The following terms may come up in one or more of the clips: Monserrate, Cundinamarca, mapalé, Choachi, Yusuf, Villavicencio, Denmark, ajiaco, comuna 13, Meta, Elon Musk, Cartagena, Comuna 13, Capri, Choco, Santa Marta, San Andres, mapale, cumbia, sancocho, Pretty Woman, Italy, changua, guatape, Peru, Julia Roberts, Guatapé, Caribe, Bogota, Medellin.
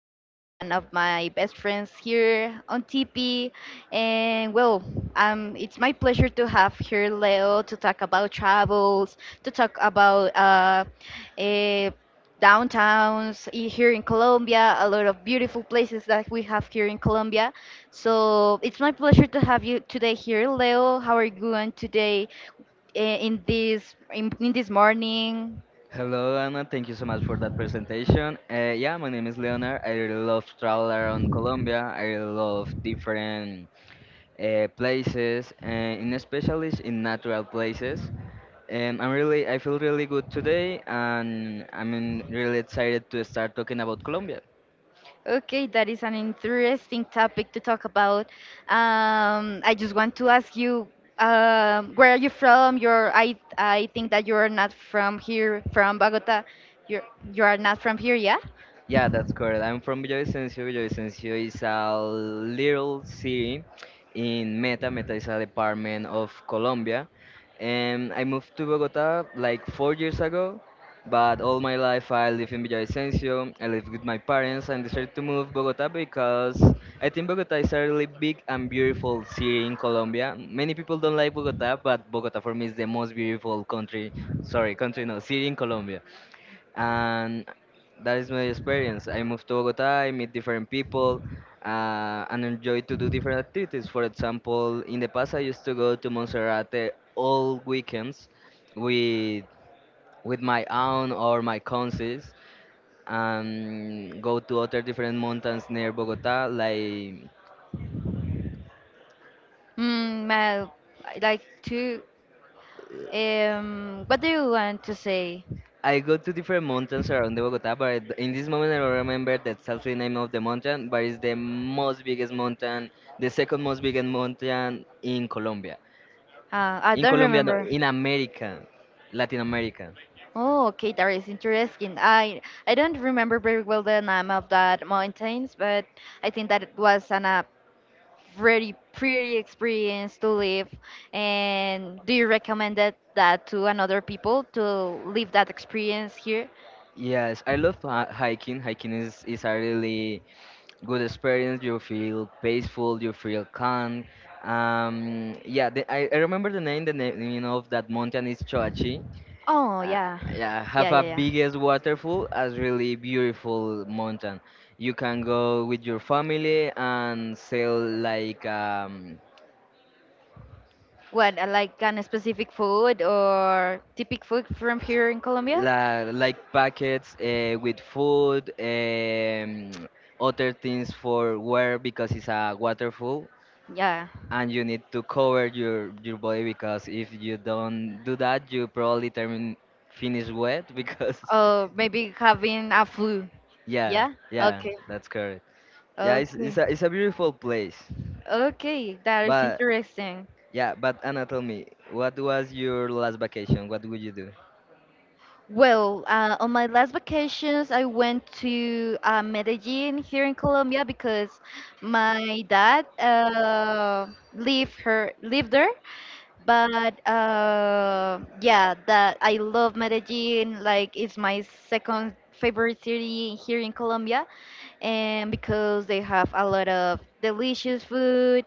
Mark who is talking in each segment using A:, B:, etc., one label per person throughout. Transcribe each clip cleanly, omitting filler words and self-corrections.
A: that is one of my best friends here on TP. And well, it's my pleasure to have here Leo to talk about travels, to talk about eh, here in Colombia, a lot of beautiful places that we have here in Colombia. So it's my pleasure to have you today here, Leo. How are you going today? In this morning.
B: Hello, Anna. Thank you so much for that presentation. Yeah, my name is Leonard. I really love travel around Colombia. I really love different places, in especially in natural places. I feel really good today, and I'm really excited to start talking about Colombia.
A: Okay, that is an interesting topic to talk about. I just want to ask you, where are you from? You're I think that you are not from here, from Bogota. You you are not from here, yeah?
B: Yeah, that's correct. I'm from Villavicencio. Villavicencio is a little city in Meta. Meta is a department of Colombia. And I moved to Bogota like 4 years ago, but all my life I live in Villavicencio. I live with my parents and decided to move Bogota because I think Bogota is a really big and beautiful city in Colombia. Many people don't like Bogota, but Bogota for me is the most beautiful country, sorry, country no, city in Colombia and that is my experience. I moved to Bogota, I meet different people, and enjoy to do different activities. For example, in the past, I used to go to Monserrate all weekends with with my aunt or my cousins, and go to other different mountains near Bogota, like.
A: I I like to. What do you want to say?
B: I go to different mountains around the Bogota, but in this moment I don't remember the exact name of the mountain, but it's the most biggest mountain, the second most biggest mountain in Colombia.
A: I
B: In
A: don't
B: Colombia, no,
A: remember.
B: in America, Latin America.
A: Oh, okay, that is interesting. I don't remember very well the name of that mountains, but I think that it was an a very pretty experience to live. And do you recommend that to another people to live that experience here?
B: Yes, I love hiking. Is a really good experience. You feel peaceful, you feel calm. I remember the name. The name of that mountain is Choachi.
A: Oh
B: Uh,
A: yeah,
B: yeah,
A: yeah,
B: have a
A: yeah, yeah.
B: biggest waterfall as really beautiful mountain. You can go with your family and sail like
A: What like an specific food or typical food from here in Colombia?
B: like packets with food, other things for wear because it's a waterfall,
A: Yeah.
B: and you need to cover your body because if you don't do that, you probably termin finish wet because
A: Oh, maybe having a flu.
B: yeah,
A: Yeah.
B: yeah,
A: Okay.
B: that's correct. Yeah, it's it's
A: Okay.
B: a it's a beautiful place,
A: Okay. That is
B: but
A: interesting.
B: yeah, but Anna, tell me, what was your last vacation? What would you do?
A: Well, on my last vacations, I went to Medellin here in Colombia because my dad lived there. But yeah, that I love Medellin. Like, it's my second favorite city here in Colombia, and because they have a lot of delicious food,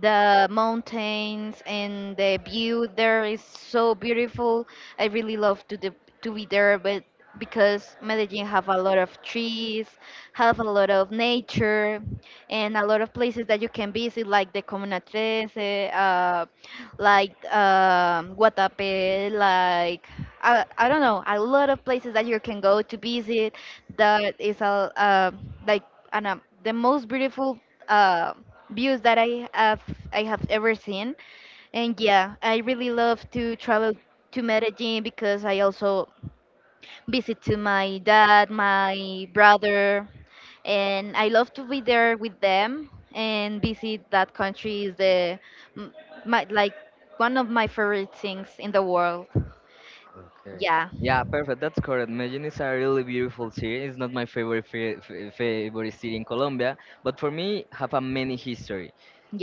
A: the mountains and the view there is so beautiful. I really love to be there, but because Medellin have a lot of trees, have a lot of nature and a lot of places that you can visit, like the comuna 13 like Guatape, like I don't know, a lot of places that you can go to visit that is a like an, uh, the most beautiful uh, views that I have ever seen. And yeah, I really love to travel to Medellin because I also visit to my dad, my brother, and I love to be there with them, and visit that country is m- my like one of my favorite things in the world.
B: Okay.
A: Yeah,
B: Yeah, perfect. That's correct. Medellin is a really beautiful city. It's not my favorite city in Colombia, but for me, have a many history.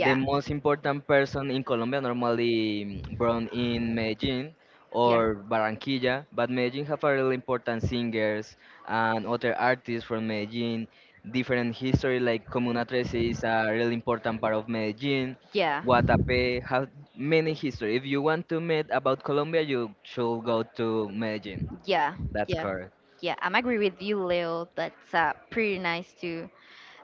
B: The most important person in Colombia normally born in Medellin
A: yeah,
B: or Barranquilla, but Medellin have a really important singers and other artists from Medellin. Different history like Comuna 13 is a really important part of Medellin.
A: yeah.
B: Guatapé has many history. If you want to meet about Colombia, you should go to Medellin.
A: Yeah,
B: That's
A: yeah,
B: correct.
A: yeah. I'm agree with you, Leo. That's pretty nice to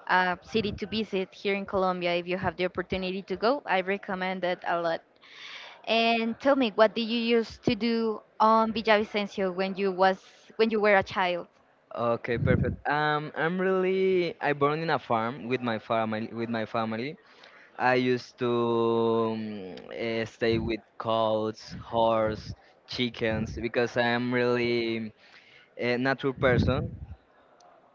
A: city to visit here in Colombia. If you have the opportunity to go, I recommend it a lot. And tell me, what did you used to do on Villavicencio when you was when you were a child?
B: Okay, perfect. I born in a farm with my family. With my family, I used to stay with cows, horse, chickens because I am really a nature person.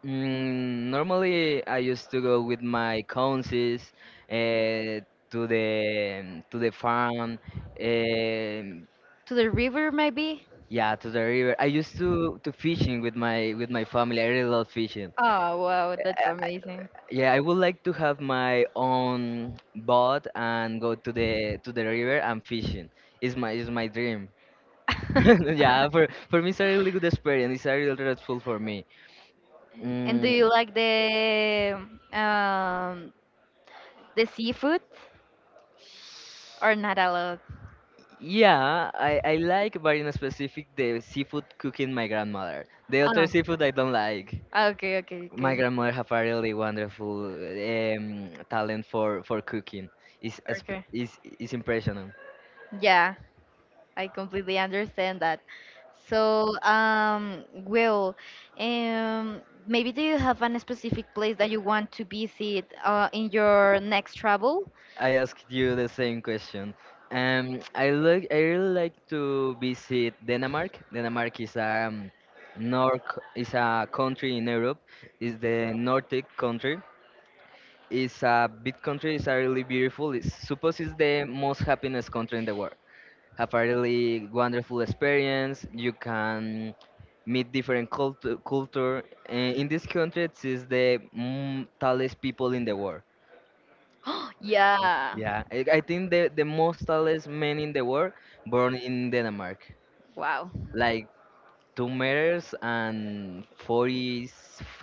B: Mm, normally, I used to go with my cousins uh, to the farm, um
A: To the river, maybe?
B: yeah, to the river. I used to fishing with my family. I really love fishing.
A: Oh wow,
B: Uh,
A: that's amazing.
B: Yeah, I would like to have my own boat and go to the river and fishing. Is my dream. Yeah, for me it's a really good experience. It's a real restful for me.
A: And
B: Mm,
A: do you like um, the seafood or not a lot?
B: I like, but in specific, the seafood cooking my grandmother. The other
A: Oh,
B: seafood I don't like.
A: okay, okay,
B: My
A: okay,
B: grandmother have a really wonderful talent for cooking. It's, it's,
A: okay.
B: it's impressionant.
A: Yeah, I completely understand that. So, Will, maybe do you have an specific place that you want to visit in your next travel?
B: I asked you the same question. I really like to visit Denmark. Denmark is a North, is a country in Europe. It's the Nordic country It's a big country. It's a really beautiful. It's suppose it's the most happiness country in the world. Have a really wonderful experience. You can meet different culture. And in this country, it is the tallest people in the world.
A: Yeah.
B: I think the most tallest men in the world born in Denmark,
A: Wow.
B: like 2 meters and forty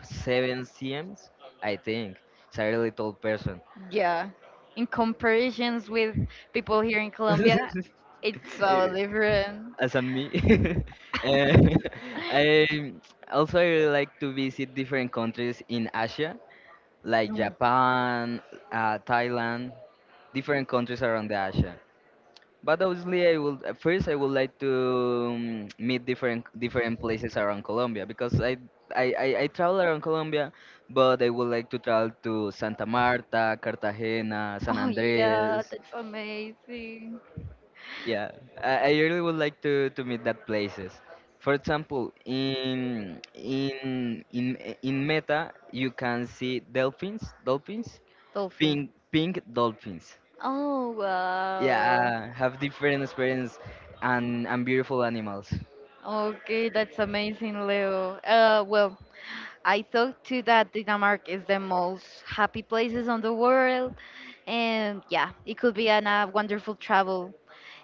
B: seven cms. I think it's a really tall person.
A: Yeah. In comparisons with people here in Colombia, it's so different.
B: as a me. Eh, I also I really like to visit different countries in Asia, like
A: Mm.
B: Japan, Thailand, different countries around the Asia. But obviously, I will at first I would like to meet different places around Colombia because I. I travel around Colombia, but I would like to travel to Santa Marta, Cartagena, San
A: Oh yeah,
B: Andres,
A: that's amazing.
B: Yeah, I really would like to meet that places. For example, in Meta, you can see dolphins,
A: Dolphin.
B: pink dolphins.
A: Oh
B: Yeah,
A: wow.
B: have different experience and beautiful animals.
A: Okay, that's amazing, Leo. Well, I thought too that Denmark is the most happy places on the world, and yeah, it could be an, a wonderful travel.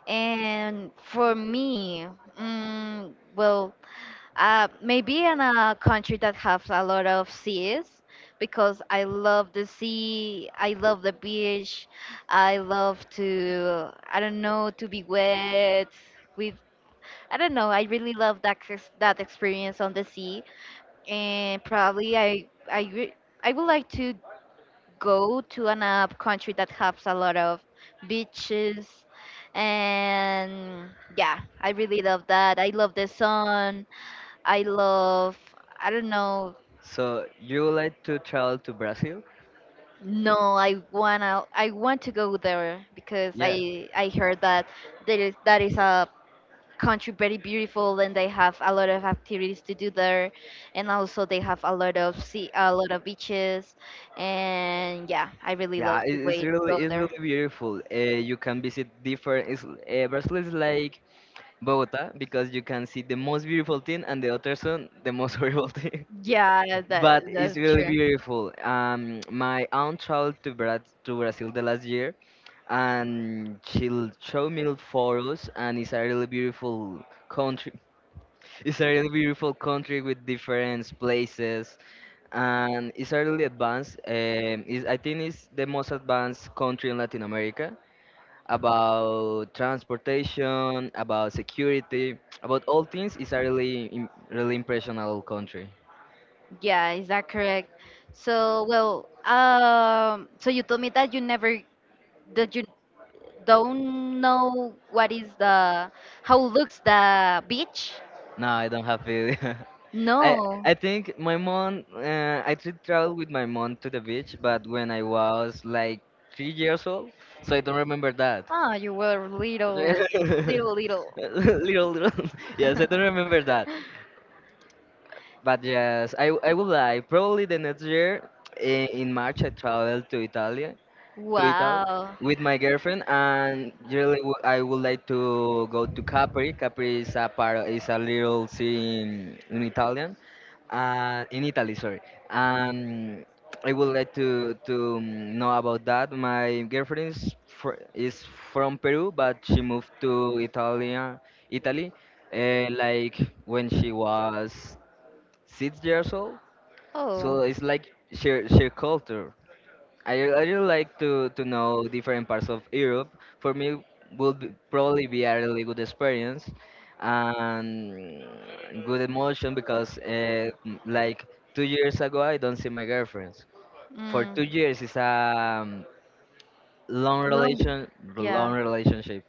A: And for me, mm, well, maybe in a country that has a lot of seas, because I love the sea, I love the beach, I love to, I don't know, to be wet with, I don't know, I really love that that experience on the sea, and probably I would like to go to an country that has a lot of beaches, and yeah, I really love that. I love the sun. I love. I don't know.
B: So you would like to travel to Brazil?
A: No, I wanna. I want to go there because
B: Yeah,
A: I heard that there is that is a country very beautiful and they have a lot of activities to do there, and also they have a lot of sea, a lot of beaches, and yeah, I really love to wait go
B: it's
A: there.
B: really beautiful. You can visit different. Brazil is like Bogota because you can see the most beautiful thing and the other one the most horrible thing.
A: Yeah, that
B: But it's
A: that's
B: really
A: true.
B: beautiful. My aunt to Brazil the last year, and showed me photos, and it's a really beautiful country. It's a really beautiful country with different places, and it's a really advanced. I think it's the most advanced country in Latin America about transportation, about security, about all things. It's a really, im- really impressionable country.
A: Yeah, is that correct? So, well, so you told me that you never that you don't know what is the how looks the beach?
B: No, I don't have it. I
A: No.
B: I think my mom. I did travel with my mom to the beach, but when I was like 3 years old, so I don't remember that.
A: Ah, you were little, little, little.
B: little little. Yes, I don't remember that. But yes, I will lie. Probably the next year in March I traveled to Italy
A: Wow.
B: with my girlfriend, and really I would like to go to Capri. Is a little city in Italy, sorry. Um, I would like to know about that. My girlfriend is fr is from Peru, but she moved to Italia, Italy, like when she was 6 years old.
A: Oh.
B: So it's like share culture. I really like to know different parts of Europe. For me, would be, probably be a really good experience and good emotion because like 2 years ago I don't see my girlfriends. For
A: Mm.
B: 2 years is a long
A: Long.
B: long
A: Yeah.
B: relationship.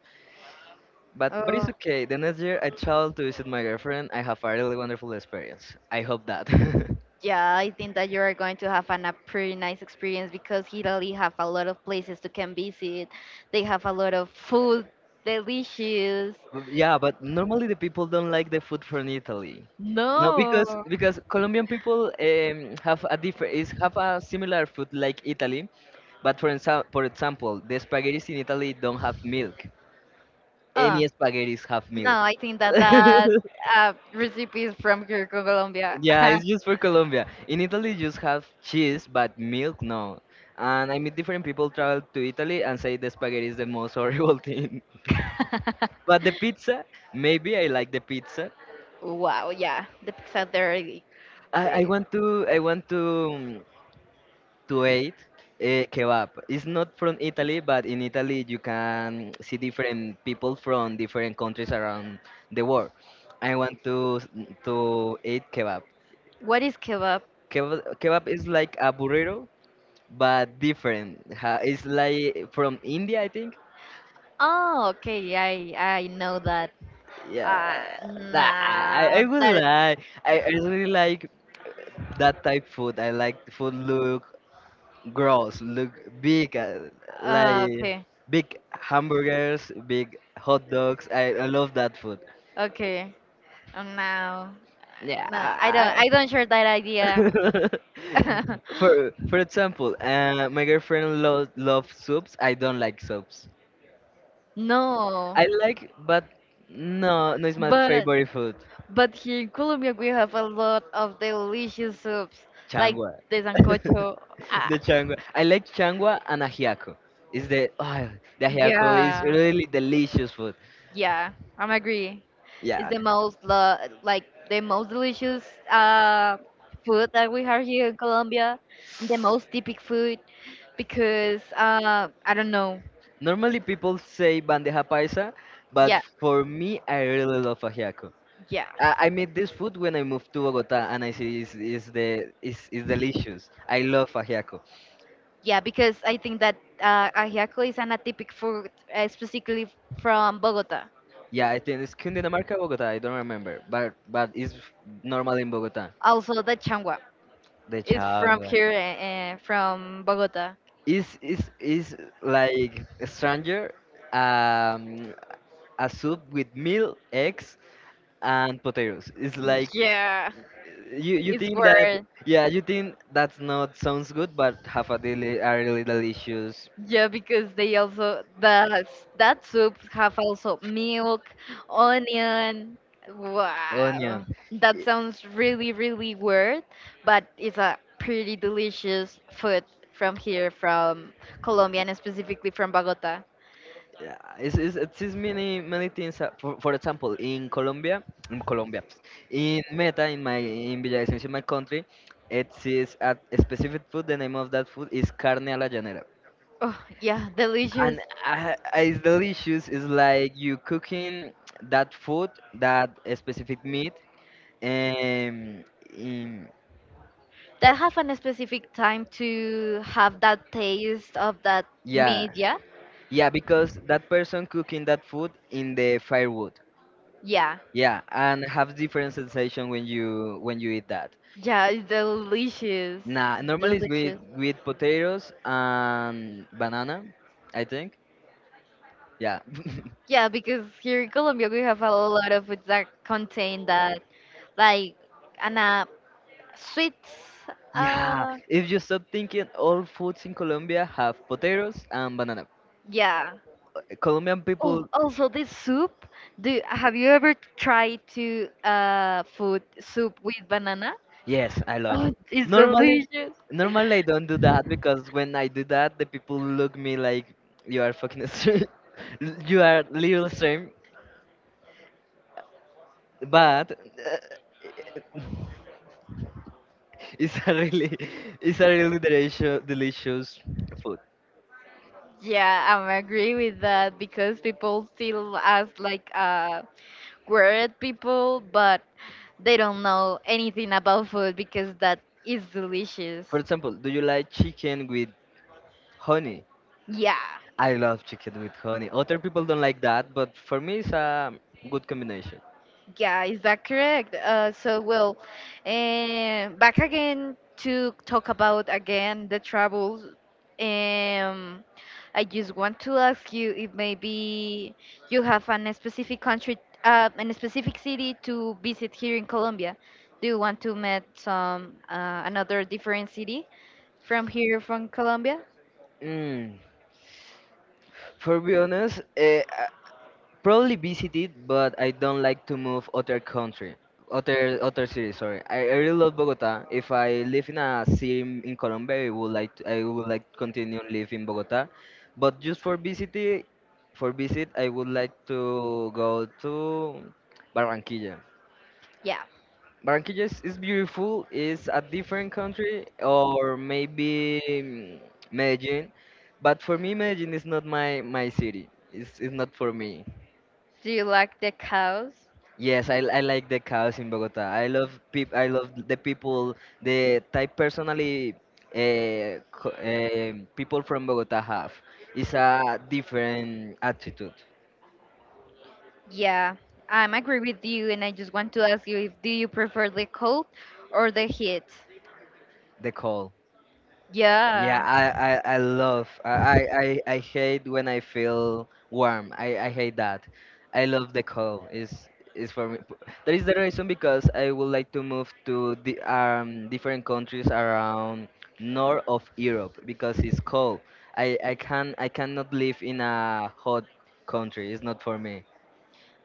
B: But
A: Oh.
B: it's okay. The next year I travel to visit my girlfriend. I have a really wonderful experience. I hope that.
A: Yeah, I think that you are going to have an, a pretty nice experience because Italy have a lot of places to can visit. They have a lot of food, delicious.
B: Yeah, but normally the people don't like the food from Italy. No,
A: No.
B: because Colombian people have a different is have a similar food like Italy, but for example, the spaghettis in Italy don't have milk.
A: Ah.
B: Any spaghettis have
A: No,
B: milk.
A: I think that that uh, recipe is from here, Colombia.
B: Yeah, it's just for Colombia. In Italy, you just have cheese, but milk, no. And I meet different people travel to Italy and say the spaghetti is the most horrible thing. But the pizza, maybe I like the pizza,
A: Wow, yeah, the pizza there. I-
B: I want to eat kebab. It's not from Italy, but in Italy you can see different people from different countries around the world. I want to s- to eat kebab.
A: What is kebab?
B: Kebab is like a burrito, but different. It's like from India, I think.
A: Oh, okay, I know that.
B: Yeah,
A: Ah,
B: that, I
A: no,
B: would
A: that.
B: like. I really like that type food. I like food look. Gross look big like
A: Okay,
B: big hamburgers big hot dogs I love that food
A: okay. Oh, no,
B: yeah
A: no, I don't share that idea.
B: for example my girlfriend loves soups I don't like soups
A: No,
B: I like but no it's my
A: but
B: favorite food
A: But here in Colombia, we have a lot of delicious soups, like
B: changua
A: the sancocho. Ah,
B: the changua I like changua and ajiaco is the oh, the ajiaco is
A: yeah,
B: really delicious food
A: yeah, I'm agree. It's
B: yeah
A: like the most delicious uh, food that we have here in Colombia, the most typic food because I don't know.
B: Normally people say bandeja paisa, but
A: Yeah,
B: for me, I really love ajiaco.
A: yeah,
B: I made this food when I moved to Bogota, and I see it's the it's delicious. I love ajiaco.
A: yeah, because I think that ajiaco is an atypic food, specifically from Bogota.
B: Yeah, I think it's Cundinamarca, Bogota. I don't remember, but it's normal in Bogota.
A: Also the changua.
B: The
A: It's from
B: changua
A: here, from Bogota.
B: is like a stranger, um, a soup with meal, eggs, and potatoes. It's like
A: Yeah,
B: You
A: it's
B: think that
A: weird.
B: yeah you think that's not sounds good but have a deli are little issues
A: Yeah, because they also that that soup have also milk, onion. Wow,
B: onion. I-
A: that sounds really really weird, but it's a pretty delicious food from here, from Colombia and specifically from Bogota.
B: Yeah, it's many many things. For example, in Colombia, in Meta, in Villavicencio, my country, it is a specific food. The name of that food is carne a la llanera,
A: Oh yeah, delicious.
B: and uh, it's delicious. It's like you cooking that food, that specific meat, um, in
A: That have a specific time to have that taste of that
B: yeah
A: media.
B: Yeah, because that person cooking that food in the firewood.
A: Yeah? Yeah.
B: Yeah, and have different sensation when you eat that.
A: Yeah, it's delicious.
B: Nah, normally it's with
A: Delicious.
B: potatoes and banana, I think. Yeah.
A: Yeah, because here in Colombia we have a lot of foods that contain that, like, and sweets.
B: Yeah,
A: Uh,
B: if you stop thinking all foods in Colombia have potatoes and banana.
A: yeah.
B: Colombian
A: Oh,
B: people,
A: also this soup. Do have you ever tried to food soup with banana?
B: yes, I love.
A: Oh, it's
B: Normally,
A: delicious.
B: normally I don't do that because when I do that, the people look me like you are fucking strange. You are little strange. But it's a really it's a really delicious food.
A: Yeah, I agree with that because people still ask like weird people, but they don't know anything about food because that is delicious.
B: For example, do you like chicken with honey?
A: Yeah.
B: I love chicken with honey. Other people don't like that, but for me it's a good combination.
A: Yeah, is that correct? So, well, back again to talk about again the travels. Um, I just want to ask you if maybe you have an specific country, an specific city to visit here in Colombia. Do you want to meet some another different city from here from Colombia?
B: Mm. For be honest, probably visited, but I don't like to move other country, other city. Sorry, I really love Bogota. If I live in a city in Colombia, I would like to continue live in Bogota, but just for visit, I would like to go to Barranquilla.
A: Yeah.
B: Barranquilla is beautiful. It's a different country, or maybe Medellin, but for me, Medellin is not my city. It's not for me.
A: Do you like the cows?
B: Yes, I like the chaos in Bogota. I love the people. The type personally, people from Bogota have is a different attitude.
A: Yeah, I'm agree with you, and I just want to ask you if do you prefer the cold or the heat?
B: They call. Yeah,
A: Yeah.
B: I hate when I feel warm. I hate that. I love the cold. Is for me. That is the reason because I would like to move to the different countries around north of Europe because it's cold. I cannot live in a hot country. It's not for me.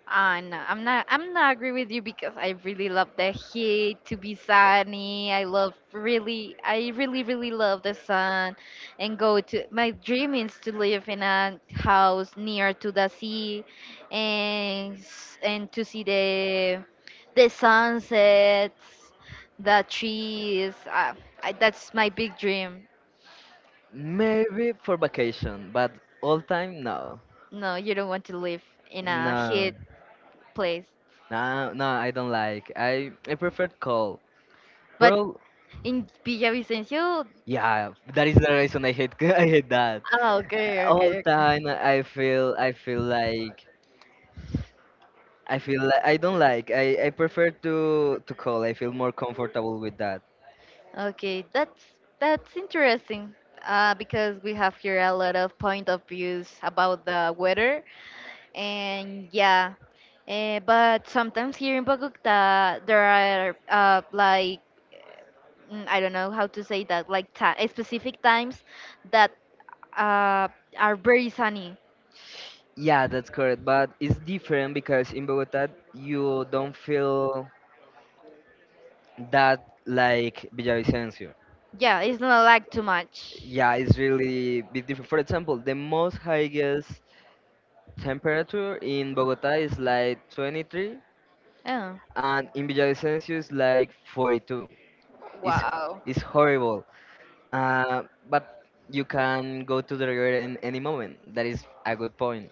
A: No, I'm not agree with you because I really love the heat to be sunny. I really, really love the sun, and go to my dream is to live in a house near to the sea, and and to see the sunsets, the trees. That's my big dream.
B: Maybe for vacation, but all time no.
A: No, you don't want to live in a
B: No.
A: heat place,
B: No, no, I don't like. I prefer cold.
A: but
B: Pearl.
A: in Villavicencio.
B: Yeah, that is the reason I hate I hate that.
A: Ah, okay,
B: All
A: okay, okay.
B: time I feel like I don't like I prefer to call. I feel more comfortable with that.
A: Okay, that's interesting because we have here a lot of point of views about the weather, and yeah, but sometimes here in Bogota there are like I don't know how to say that, like ta specific times that uh, are very sunny.
B: Yeah, that's correct. But it's different because in Bogota you don't feel that like Villavicencio.
A: Yeah, it's not like too much.
B: Yeah, it's really bit different. For example, the most highest temperature in Bogota is like 23,
A: Oh.
B: and in Villavicencio is like 42. It's
A: Wow.
B: it's horrible. Uh, but you can go to the river in any moment. That is a good point.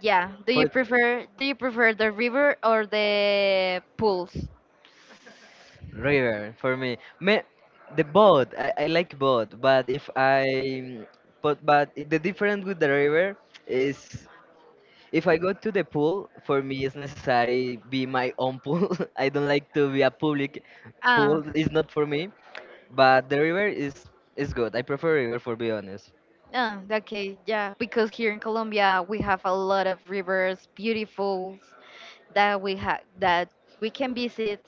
A: Yeah.
B: For
A: Do you prefer the river or the pools?
B: river, for me, me the boat. I like boat, but if I but the difference with the river is, if I go to the pool, for me it's necessary be my own pool. I don't like to be a public
A: Ah,
B: pool. It's not for me. But the river is good. I prefer river, for be honest.
A: ah, okay, yeah. Because here in Colombia we have a lot of rivers, beautiful that we have that we can visit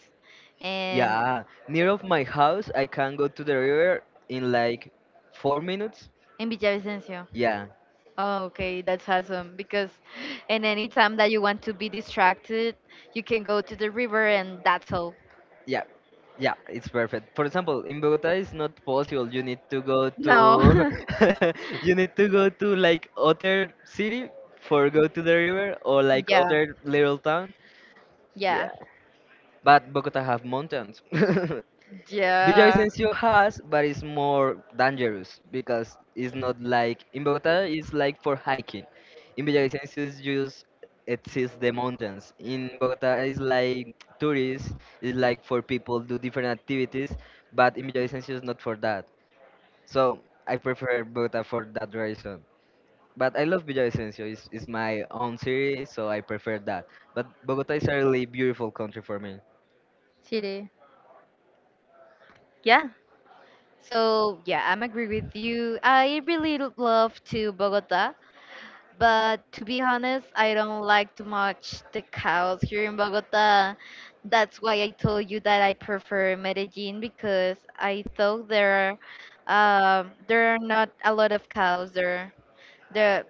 A: and
B: Yeah, near of my house, I can go to the river in like 4 minutes.
A: in Villavicencio.
B: Yeah,
A: Oh, okay, that's awesome because and any time that you want to be distracted, you can go to the river and that's all.
B: yeah, yeah, it's perfect. For example, in Bogota, it's not possible. You need to go to,
A: No.
B: you need to go to like other city for go to the river or like
A: Yeah.
B: other little town. Yeah,
A: Yeah.
B: but Bogota have mountains.
A: Yeah.
B: Villavicencio has, but it's more dangerous because it's not like in Bogota. It's like for hiking. In Villavicencio, it's just it sees the mountains. In Bogota, it's like tourists. It's like for people do different activities, but in Villavicencio, it's not for that. So I prefer Bogota for that reason. But I love Villavicencio. It's my own city, so I prefer that. But Bogota is a really beautiful country for me.
A: Chile. Yeah. So yeah, I'm agree with you. I love to Bogota. But to be honest, I don't like too much the cows here in Bogota. That's why I told you that I prefer Medellin because I thought there are not a lot of cows there. The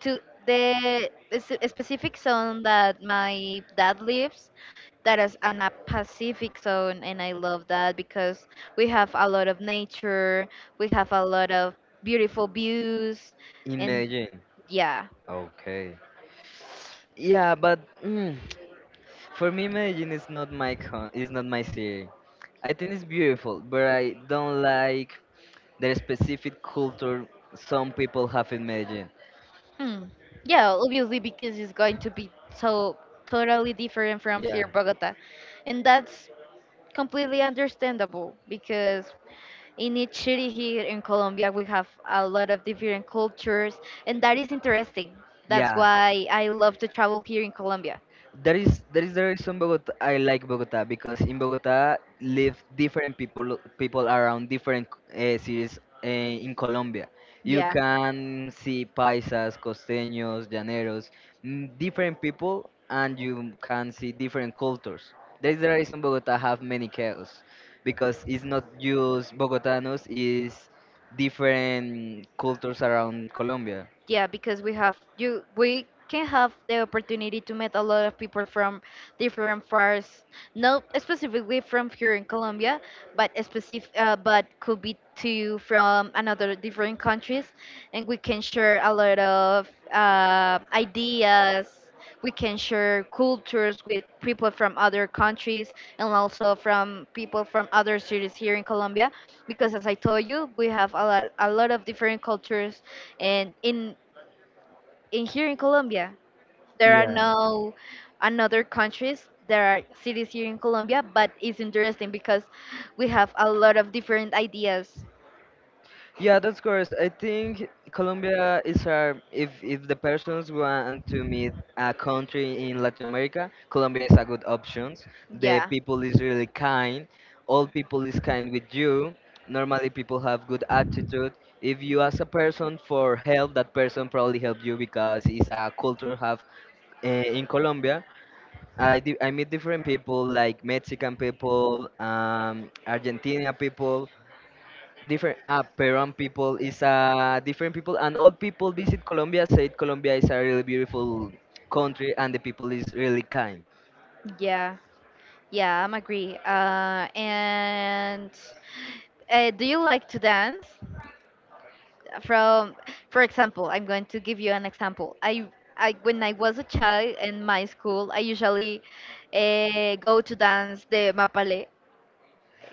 A: to the specific zone that my dad lives, that is an a Pacific zone, and I love that because we have a lot of nature, we have a lot of beautiful views,
B: In
A: and
B: Medellin,
A: yeah.
B: okay. Yeah, but for me, Medellin is not my con- is not my city. I think it's beautiful, but I don't like the specific culture some people have in Medellin.
A: Hmm. Yeah, obviously because it's going to be so totally different from here,
B: Yeah,
A: Bogota, and that's completely understandable because in each city here in Colombia we have a lot of different cultures, and that is interesting. That's
B: yeah.
A: why I love to travel here in Colombia.
B: That is the reason Bogota I like Bogota because in Bogota live different people around different cities in Colombia. You
A: Yeah.
B: can see paisas, costeños, llaneros, different people, and you can see different cultures. That is the reason Bogota have many chaos because it's not just Bogotanos, it's different cultures around Colombia.
A: Yeah, because we can have the opportunity to meet a lot of people from different parts, not specifically from here in Colombia, but specific but could be too from another different countries, and we can share a lot of ideas. We can share cultures with people from other countries and also from people from other cities here in Colombia, because as I told you, we have a lot of different cultures and in here in Colombia. There are no another countries. There are cities here in Colombia, but it's interesting because we have a lot of different ideas.
B: Yeah, that's course. I think Colombia is our, if the persons want to meet a country in Latin America, Colombia is a good option. The
A: Yeah,
B: people is really kind. All people is kind with you. Normally people have good attitude. If you ask a person for help, that person probably help you because it's a culture have in Colombia. I meet different people like Mexican people, Argentina people, different Peruvian people is different people, and all people visit Colombia said Colombia is a really beautiful country and the people is really kind.
A: yeah, yeah. I'm agree. And do you like to dance? From for example I'm going to give you an example I, when I was a child in my school, I usually go to dance the mapale.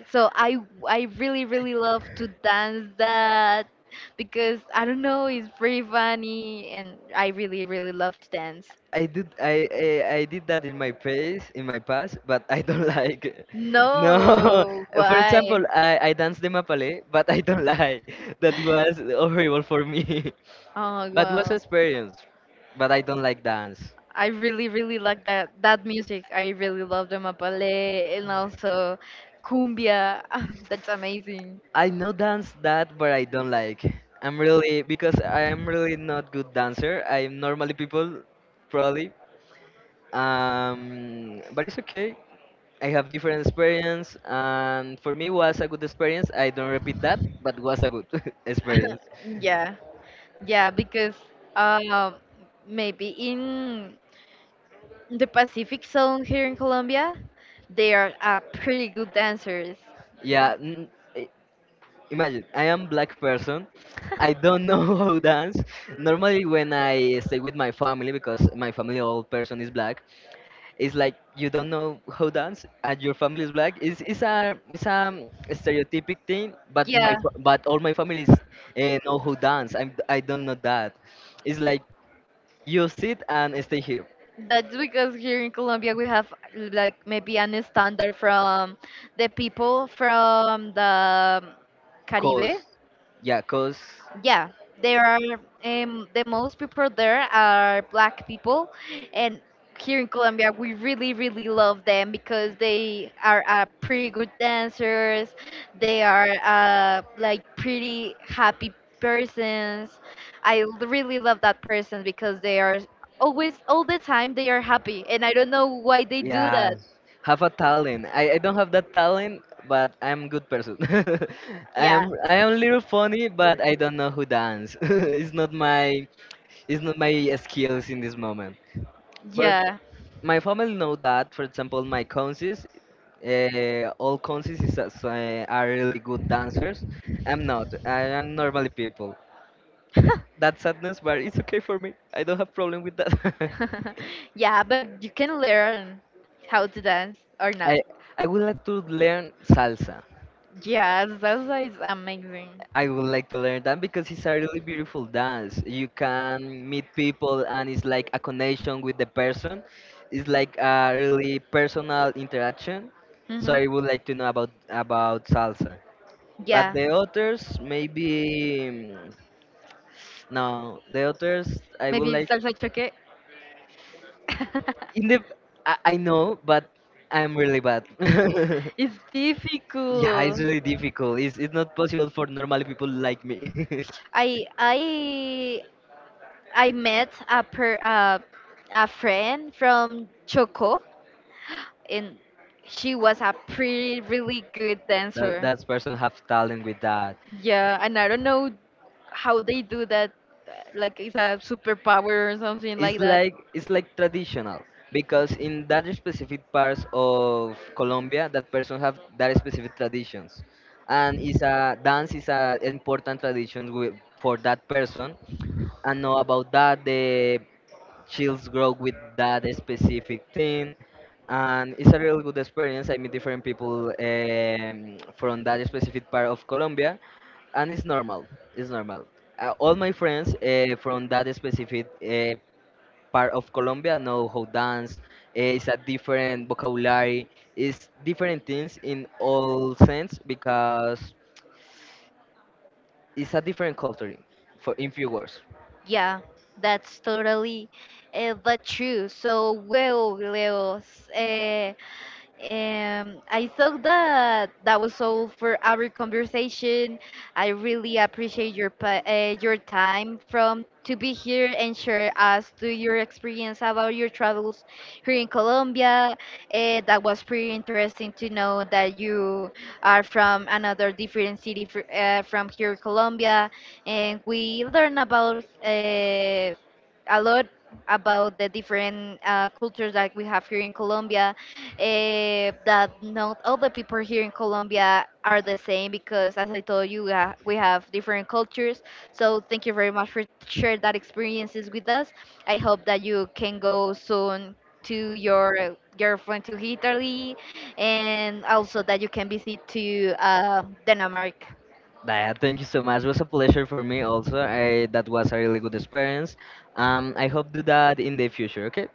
A: So I really, really love to dance that because I don't know, it's pretty funny and I really, really love to dance.
B: I did that in my past in my past, but I don't like it. No.
A: No,
B: For example,
A: why?
B: I danced the mapale but I don't like. That was horrible for me.
A: Oh,
B: But was
A: wow.
B: experience, but I don't like dance.
A: I really, really like that that music. I really love the mapalé and also cumbia. That's amazing.
B: I know dance that, but I don't like. I'm really because I am really not good dancer. I'm normally people, probably. But it's okay. I have different experience, and for me was a good experience. I don't repeat that, but was a good experience.
A: Yeah, yeah, because um, maybe in the Pacific zone here in Colombia, they are pretty good dancers.
B: Yeah, imagine I am black person. I don't know how dance. Normally, when I stay with my family because my family all person is black, it's like you don't know how dance and your family is black, it's a stereotypic thing, but
A: Yeah.
B: but all my family is know how dance. I do not know that. It's like you sit and stay here.
A: That's because here in Colombia we have like maybe an standard from the people from the
B: Cause,
A: Caribe.
B: yeah, cause,
A: Yeah, there are the most people there are black people, and here in Colombia we really really love them because they are pretty good dancers. They are like pretty happy persons. I really love that person because they are always all the time they are happy, and I don't know why they do that.
B: yeah, have a talent. I don't have that talent, but I'm good person.
A: Yeah,
B: I am a little funny, but I don't know who dance. It's not my, it's not my skills in this moment. But
A: yeah.
B: my family know that. For example, my cousins, all cousins are really good dancers. I'm not, I am normally people, that sadness, but it's okay for me. I don't have problem with that.
A: Yeah, but you can learn how to dance or
B: i
A: no.
B: I would like to learn salsa.
A: Yeah, salsa is amazing.
B: I would like to learn that because it's a really beautiful dance. You can meet people, and it's like a connection with the person. It's like a really personal interaction. So
A: Hmm.
B: I would like to know about salsa. But
A: Yeah,
B: the others, maybe mm, no. The others, I would
A: maybe
B: like.
A: salsa choque.
B: In the, I know, but I'm really bad.
A: It's
B: Yeah, it's
A: difficult.
B: really difficult. It's not possible for normal people like me.
A: I I I met a per a friend from Choco, and she was a pretty really good
B: That
A: dancer.
B: that person have talent with that.
A: Yeah, and I don't know how they do that. Like it's a superpower or something
B: It's
A: like that.
B: like, it's like traditional because in that specific parts of Colombia, that person have that specific traditions, and it's a dance, is a important tradition for that person and know about that. The chills grow with that specific thing, and it's a real good experience. I meet different people from that specific part of Colombia, and it's normal. It's normal. All my friends from that specific part of Colombia know how dance. Is a different vocabulary. It's different things in all sense because it's a different culture. For in few words.
A: Yeah, that's totally but true. So, well, Leos, I thought that that was all for our conversation. I really appreciate your time from to be here and share us to your experience about your travels here in Colombia. That was pretty interesting to know that you are from another different city from here, Colombia, and we learn about uh, a lot about the different cultures that we have here in Colombia that not all the people here in Colombia are the same because, as I told you, we have different cultures. So thank you very much for sharing that experiences with us. I hope that you can go soon to your girlfriend to Italy, and also that you can visit to Denmark.
B: Daya, thank you so much. It was a pleasure for me also. That was a really good experience. I hope do that in the future. Okay.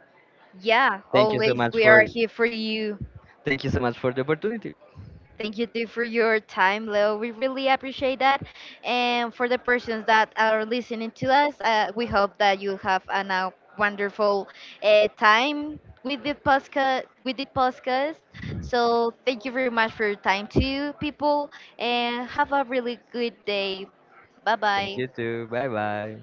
A: Yeah,
B: Thank you so
A: always
B: much
A: we
B: for
A: are here for you.
B: thank you so much for the opportunity.
A: Thank you too for your time, Leo. We really appreciate that. And for the persons that are listening to us, we hope that you have an, a wonderful time With the podcast. So thank you very much for your time, too, people, and have a really good day. Bye
B: Thank
A: bye.
B: you too. Bye bye.